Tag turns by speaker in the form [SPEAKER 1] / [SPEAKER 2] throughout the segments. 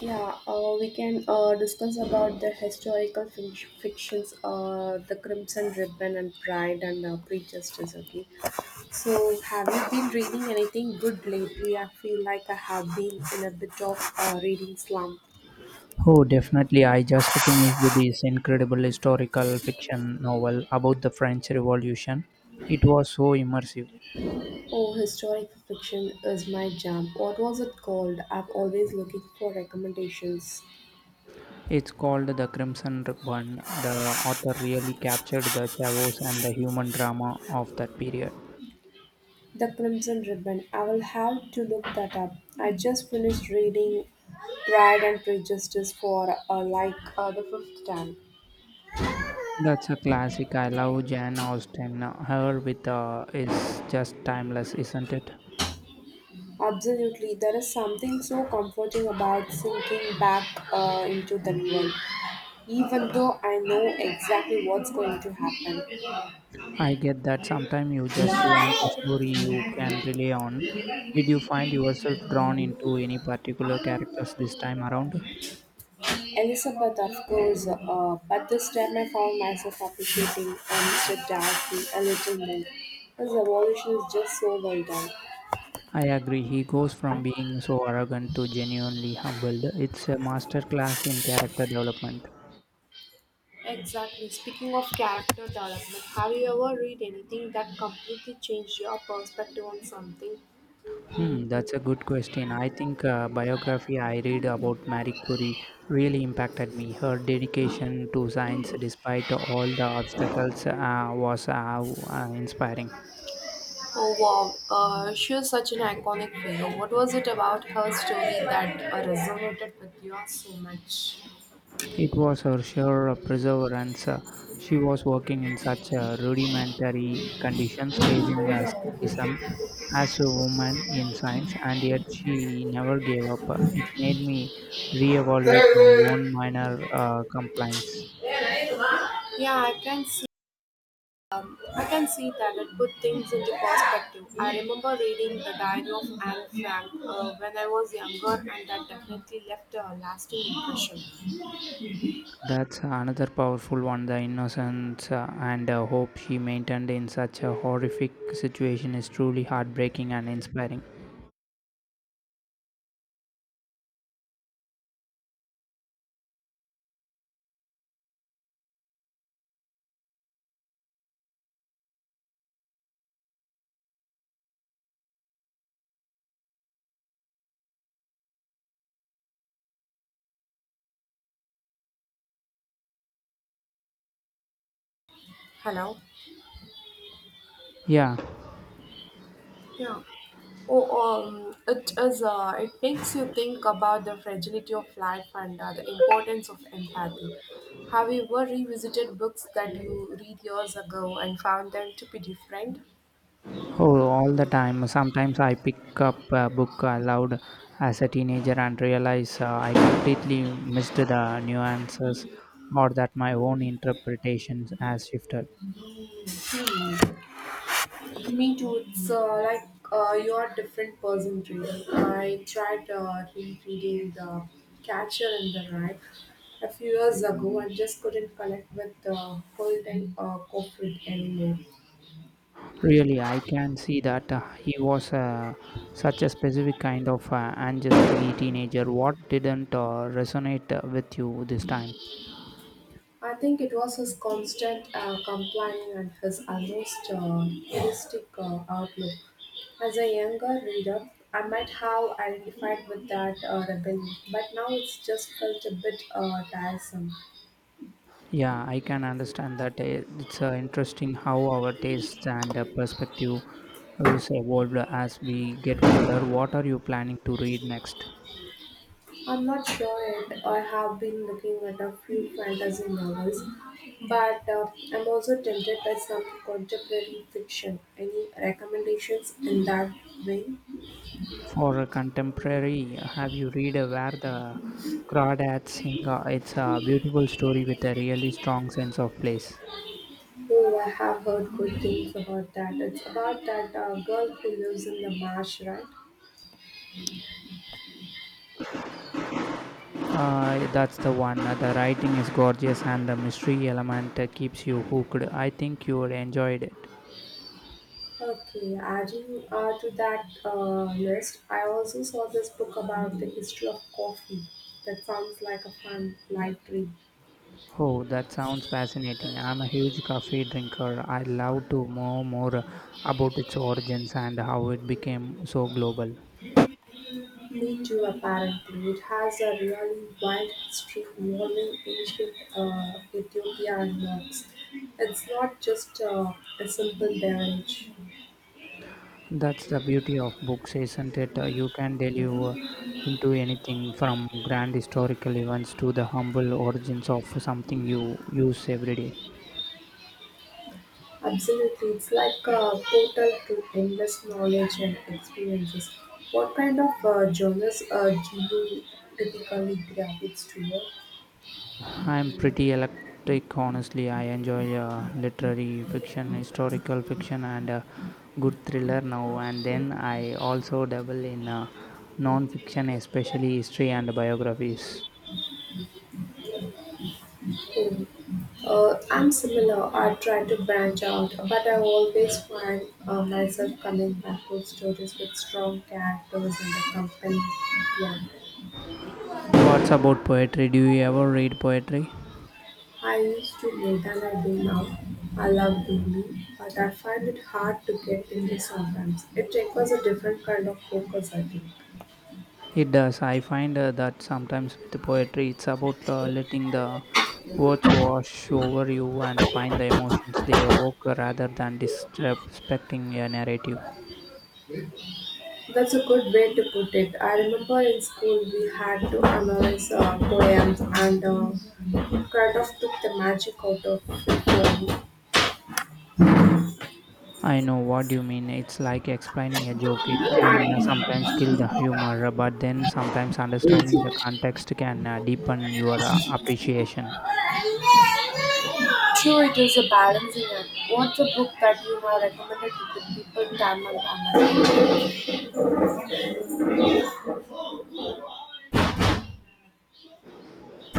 [SPEAKER 1] Yeah, we can discuss about the historical fictions, the Crimson Ribbon and Pride and Prejudice. Okay, so have you been reading anything good lately? I feel like I have been in a bit of reading slump.
[SPEAKER 2] Oh, definitely. I just finished this incredible historical fiction novel about the French Revolution. It was so immersive.
[SPEAKER 1] Oh, historical fiction is my jam. What was it called? I'm always looking for recommendations.
[SPEAKER 2] It's called The Crimson Ribbon. The author really captured the chaos and the human drama of that period.
[SPEAKER 1] The Crimson Ribbon. I will have to look that up. I just finished reading Pride and Prejudice for like the fifth time.
[SPEAKER 2] That's a classic. I love Jane Austen. Her with is just timeless, isn't it?
[SPEAKER 1] Absolutely, there is something so comforting about sinking back into that world, even though I know exactly what's going to happen.
[SPEAKER 2] I get that sometimes you just want a story you can rely on. Did you find yourself drawn into any particular characters this time around?
[SPEAKER 1] Elizabeth, of course, but this time I found myself appreciating Mr. Darcy a little more. His evolution is just so well done.
[SPEAKER 2] I agree. He goes from being so arrogant to genuinely humbled. It's a master class in character development.
[SPEAKER 1] Exactly. Speaking of character development, have you ever read anything that completely changed your perspective on something?
[SPEAKER 2] That's a good question. I think biography I read about Marie Curie really impacted me. Her dedication to science, despite all the obstacles, was inspiring.
[SPEAKER 1] Oh wow, she is such an iconic figure. What was it about her story that resonated with you so much?
[SPEAKER 2] It was her sure perseverance. She was working in such rudimentary conditions, facing skepticism as a woman in science, and yet she never gave up. It made me reevaluate my own minor complaints.
[SPEAKER 1] Yeah, I can see that it put things into perspective. I remember reading The Diary of Anne Frank when I was younger, and that definitely left a lasting impression.
[SPEAKER 2] That's another powerful one the innocence and hope she maintained in such a horrific situation is truly heartbreaking and inspiring.
[SPEAKER 1] Hello.
[SPEAKER 2] Yeah.
[SPEAKER 1] Yeah. Oh, it is. It makes you think about the fragility of life and the importance of empathy. Have you ever revisited books that you read years ago and found them to be different?
[SPEAKER 2] Oh, all the time. Sometimes I pick up a book aloud as a teenager and realize I completely missed the nuances or that my own interpretations has shifted.
[SPEAKER 1] Me too. It's like you are a different person to me. I tried rereading The Catcher in the Rye a few years ago and just couldn't connect with Colton Cofrid anymore.
[SPEAKER 2] Really, I can see that he was such a specific kind of angry teenager. What didn't resonate with you this time?
[SPEAKER 1] I think it was his constant complaining and his almost heuristic outlook. As a younger reader, I might have identified with that rebellion, but now it's just felt a bit tiresome.
[SPEAKER 2] Yeah, I can understand that. It's interesting how our tastes and perspective has evolved as we get older. What are you planning to read next?
[SPEAKER 1] I'm not sure yet. I have been looking at a few fantasy novels, but I'm also tempted by some contemporary fiction. Any recommendations in that vein?
[SPEAKER 2] For a contemporary, have you read Where the Crawdads Sing? It's a beautiful story with a really strong sense of place.
[SPEAKER 1] Oh, I have heard good things about that. It's about that girl who lives in the marsh, right?
[SPEAKER 2] That's the one. The writing is gorgeous and the mystery element keeps you hooked. I think you would enjoy it.
[SPEAKER 1] Okay, adding to that list, I also saw this book about the history of coffee. That sounds like a fun light read.
[SPEAKER 2] Oh, that sounds fascinating. I'm a huge coffee drinker. I love to know more about its origins and how it became so global.
[SPEAKER 1] Me too, apparently. It has a really wild history involving ancient Ethiopia and monks. It's not just a simple beverage.
[SPEAKER 2] That's the beauty of books, isn't it? You can delve into anything from grand historical events to the humble origins of something you use every day.
[SPEAKER 1] Absolutely, it's like a portal to endless knowledge and experiences. What kind of genres do you typically gravitate toward?
[SPEAKER 2] I'm pretty eclectic, honestly. I enjoy literary fiction, historical fiction, and good thriller now and then. I also dabble in non-fiction, especially history and biographies.
[SPEAKER 1] Hmm. I'm similar. I try to branch out, but I always find myself coming back to stories with strong characters and a compelling plan.
[SPEAKER 2] What's about poetry? Do you ever read poetry?
[SPEAKER 1] I used to more than I do now. I love reading, but I find it hard to get into sometimes. It requires a different kind of focus, I think.
[SPEAKER 2] It does. I find that sometimes with poetry, it's about letting the words wash over you and find the emotions they evoke rather than disrespecting a narrative.
[SPEAKER 1] That's a good way to put it. I remember in school we had to analyze poems and kind of took the magic out of it.
[SPEAKER 2] I know what you mean. It's like explaining a joke. It can sometimes kill the humor, but then sometimes understanding the context can deepen your appreciation.
[SPEAKER 1] True, it is a balancing act. What's a book that you have recommended to the people time and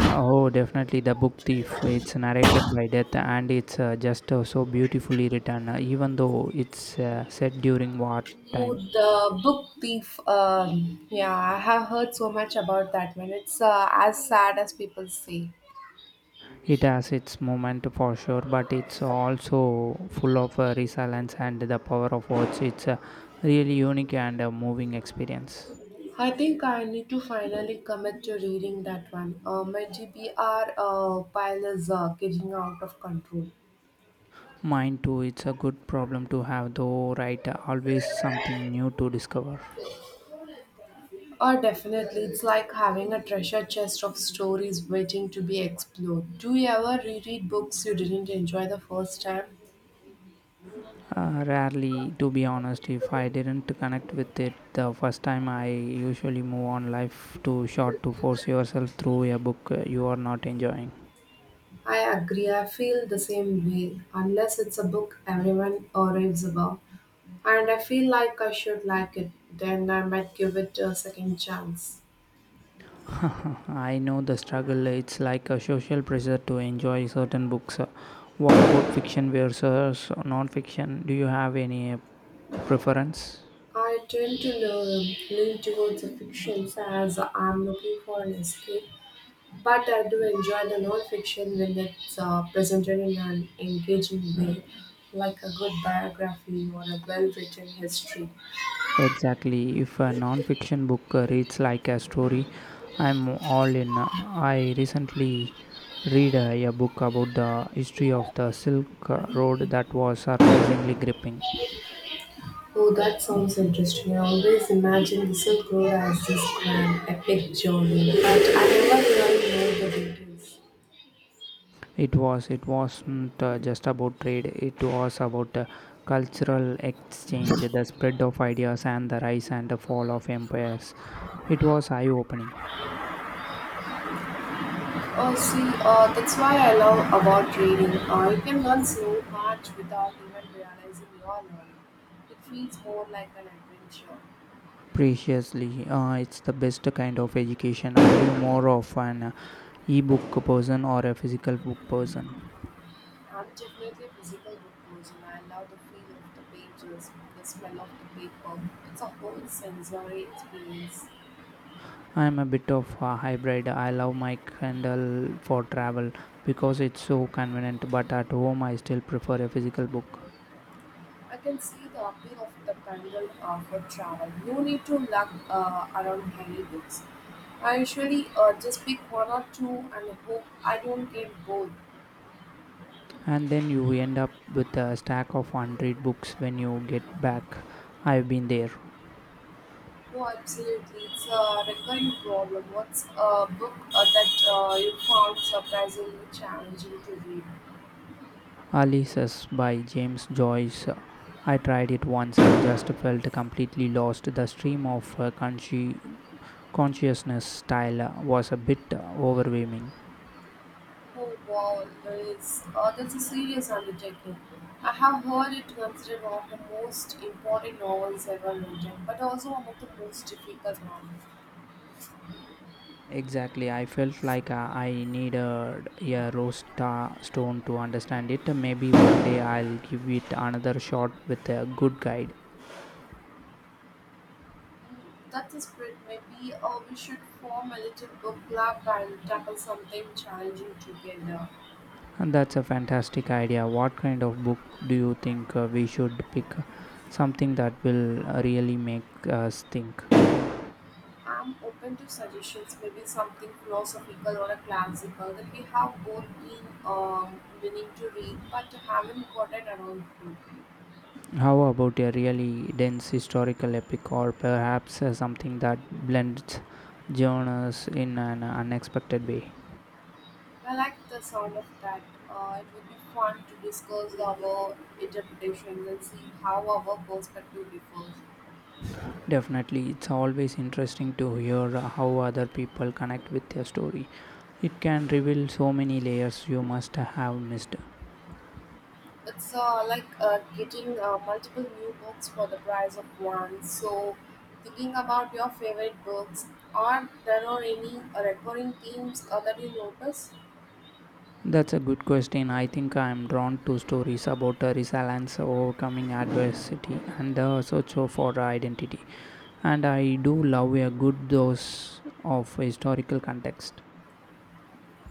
[SPEAKER 2] Oh, definitely the book thief. It's narrated by death, and it's just so beautifully written, even though it's set during
[SPEAKER 1] Oh,
[SPEAKER 2] wartime,
[SPEAKER 1] the book thief. Yeah, I have heard so much about that one. It's as sad as people say.
[SPEAKER 2] it has its moment for sure, but it's also full of resilience and the power of words. It's a really unique and moving experience.
[SPEAKER 1] I think I need to finally commit to reading that one. My GBR pile is getting out of control.
[SPEAKER 2] Mine too, it's a good problem to have, though, right? Always something new to discover.
[SPEAKER 1] Oh, definitely. It's like having a treasure chest of stories waiting to be explored. Do you ever reread books you didn't enjoy the first time?
[SPEAKER 2] Rarely, to be honest, if I didn't connect with it the first time, I usually move on life too short to force yourself through a book you are not enjoying.
[SPEAKER 1] I agree. I feel the same way, unless it's a book everyone raves about. And I feel like I should like it, then I might give it a second chance.
[SPEAKER 2] I know the struggle, it's like a social pressure to enjoy certain books. What about fiction versus non fiction? Do you have any preference?
[SPEAKER 1] I tend to lean towards the fictions as I'm looking for an escape. But I do enjoy the non-fiction when it's presented in an engaging way, like a good biography or a well-written history.
[SPEAKER 2] Exactly. If a non-fiction book reads like a story, I'm all in. I recently read a book about the history of the Silk Road that was surprisingly gripping.
[SPEAKER 1] Oh, that sounds interesting. I always imagine the Silk Road as this grand, epic journey, but I never really know the details.
[SPEAKER 2] It was. It wasn't just about trade. It was about cultural exchange, the spread of ideas, and the rise and the fall of empires. It was eye-opening.
[SPEAKER 1] Oh, see, that's why I love about reading. You can learn so much without even realizing you are learning. It feels more like an adventure.
[SPEAKER 2] Preciously, it's the best kind of education. Are you more of an e-book person or a physical book person?
[SPEAKER 1] I'm definitely a physical book person. I love the feel of the pages, the smell of the paper. It's a whole sensory experience.
[SPEAKER 2] I am a bit of a hybrid. I love my Kindle for travel because it's so convenient, but at home I still prefer a physical book.
[SPEAKER 1] I can see the appeal of the Kindle for travel. No need to lug around heavy books. I usually just pick one or two and hope I don't get bored.
[SPEAKER 2] And then you end up with a stack of unread books when you get back. I've been there.
[SPEAKER 1] Oh, absolutely. It's a recurring problem. What's a book that you found surprisingly challenging to read?
[SPEAKER 2] Alice's by James Joyce. I tried it once and just felt completely lost. The stream of consciousness style was a bit overwhelming.
[SPEAKER 1] Oh wow, there is, that's a serious undertaking. I have heard it considered one of the most important novels ever written, but also one of the most difficult ones.
[SPEAKER 2] Exactly, I felt like I needed a stone to understand it. Maybe one day I'll give it another shot with a good guide.
[SPEAKER 1] That's the spirit. Maybe we should form a little book club and tackle something challenging together.
[SPEAKER 2] And that's a fantastic idea. What kind of book do you think we should pick? Something that will really make us think.
[SPEAKER 1] I'm open to suggestions, maybe something philosophical or a classical that we have both been willing to read but haven't gotten around to.
[SPEAKER 2] How about a really dense historical epic, or perhaps something that blends genres in an unexpected way?
[SPEAKER 1] I like the sound of that. It would be fun to discuss our interpretations and see how our perspective differs.
[SPEAKER 2] Definitely, it's always interesting to hear how other people connect with your story. It can reveal so many layers you must have missed.
[SPEAKER 1] It's like getting multiple new books for the price of one. So, thinking about your favorite books, or there are any recurring themes that you notice?
[SPEAKER 2] That's a good question. I think I am drawn to stories about resilience, overcoming adversity, and the search for identity. And I do love a good dose of historical context.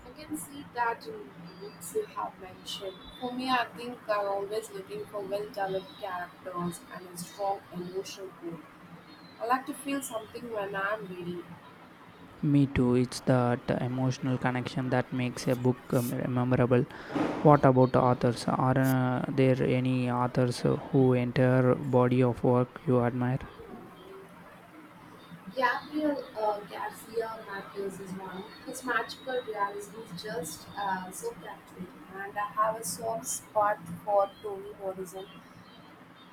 [SPEAKER 1] I can see that in the books you have mentioned. For me, I think I'm always looking for well-developed characters and a strong emotional core. I like to feel something when I am reading.
[SPEAKER 2] Me too. It's that emotional connection that makes a book memorable. What about authors? Are there any authors who enter body of work you admire?
[SPEAKER 1] Gabriel Garcia Marquez is one. His magical realism is just so captivating. And I have a soft spot for Toni Morrison.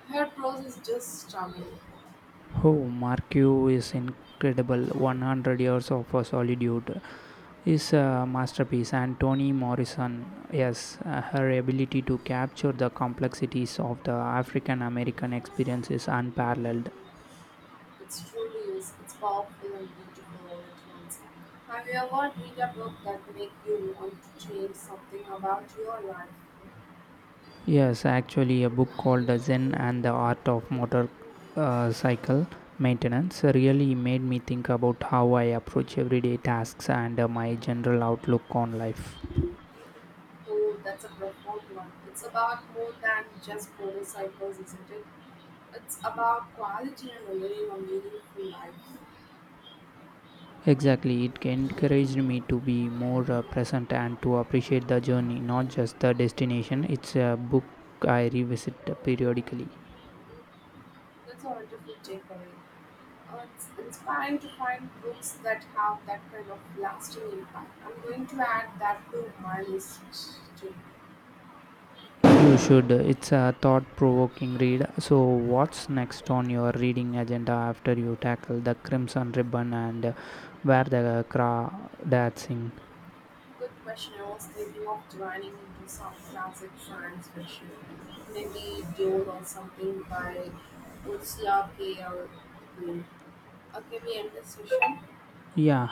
[SPEAKER 1] Her prose is just stunning.
[SPEAKER 2] Oh, Marquez is incredible. 100 years of solitude is a masterpiece. And Toni Morrison, yes, her ability to capture the complexities of the African American experience is unparalleled.
[SPEAKER 1] It truly is. It's powerful and beautiful all at once. Have you ever read a book that make you want to change something about your life?
[SPEAKER 2] Yes, actually, a book called The Zen and the Art of Motor Cycle Maintenance really made me think about how I approach everyday tasks and my general outlook on life.
[SPEAKER 1] Oh, that's a profound one. It's about more than just motorcycles, isn't it? It's about quality and living a meaningful life.
[SPEAKER 2] Exactly, it encouraged me to be more present and to appreciate the journey, not just the destination. It's a book I revisit periodically.
[SPEAKER 1] That's a wonderful takeaway. It's inspiring to find books that have that kind of lasting impact. I'm going to add that to my list too.
[SPEAKER 2] You should. It's a thought-provoking read. So, what's next on your reading agenda after you tackle the Crimson Ribbon and Where the Cra Dancing?
[SPEAKER 1] Good question. I was thinking of joining into some classic science fiction, maybe Dune or something by Ursula K. Le Guin. Okay, we end this session.
[SPEAKER 2] Yeah.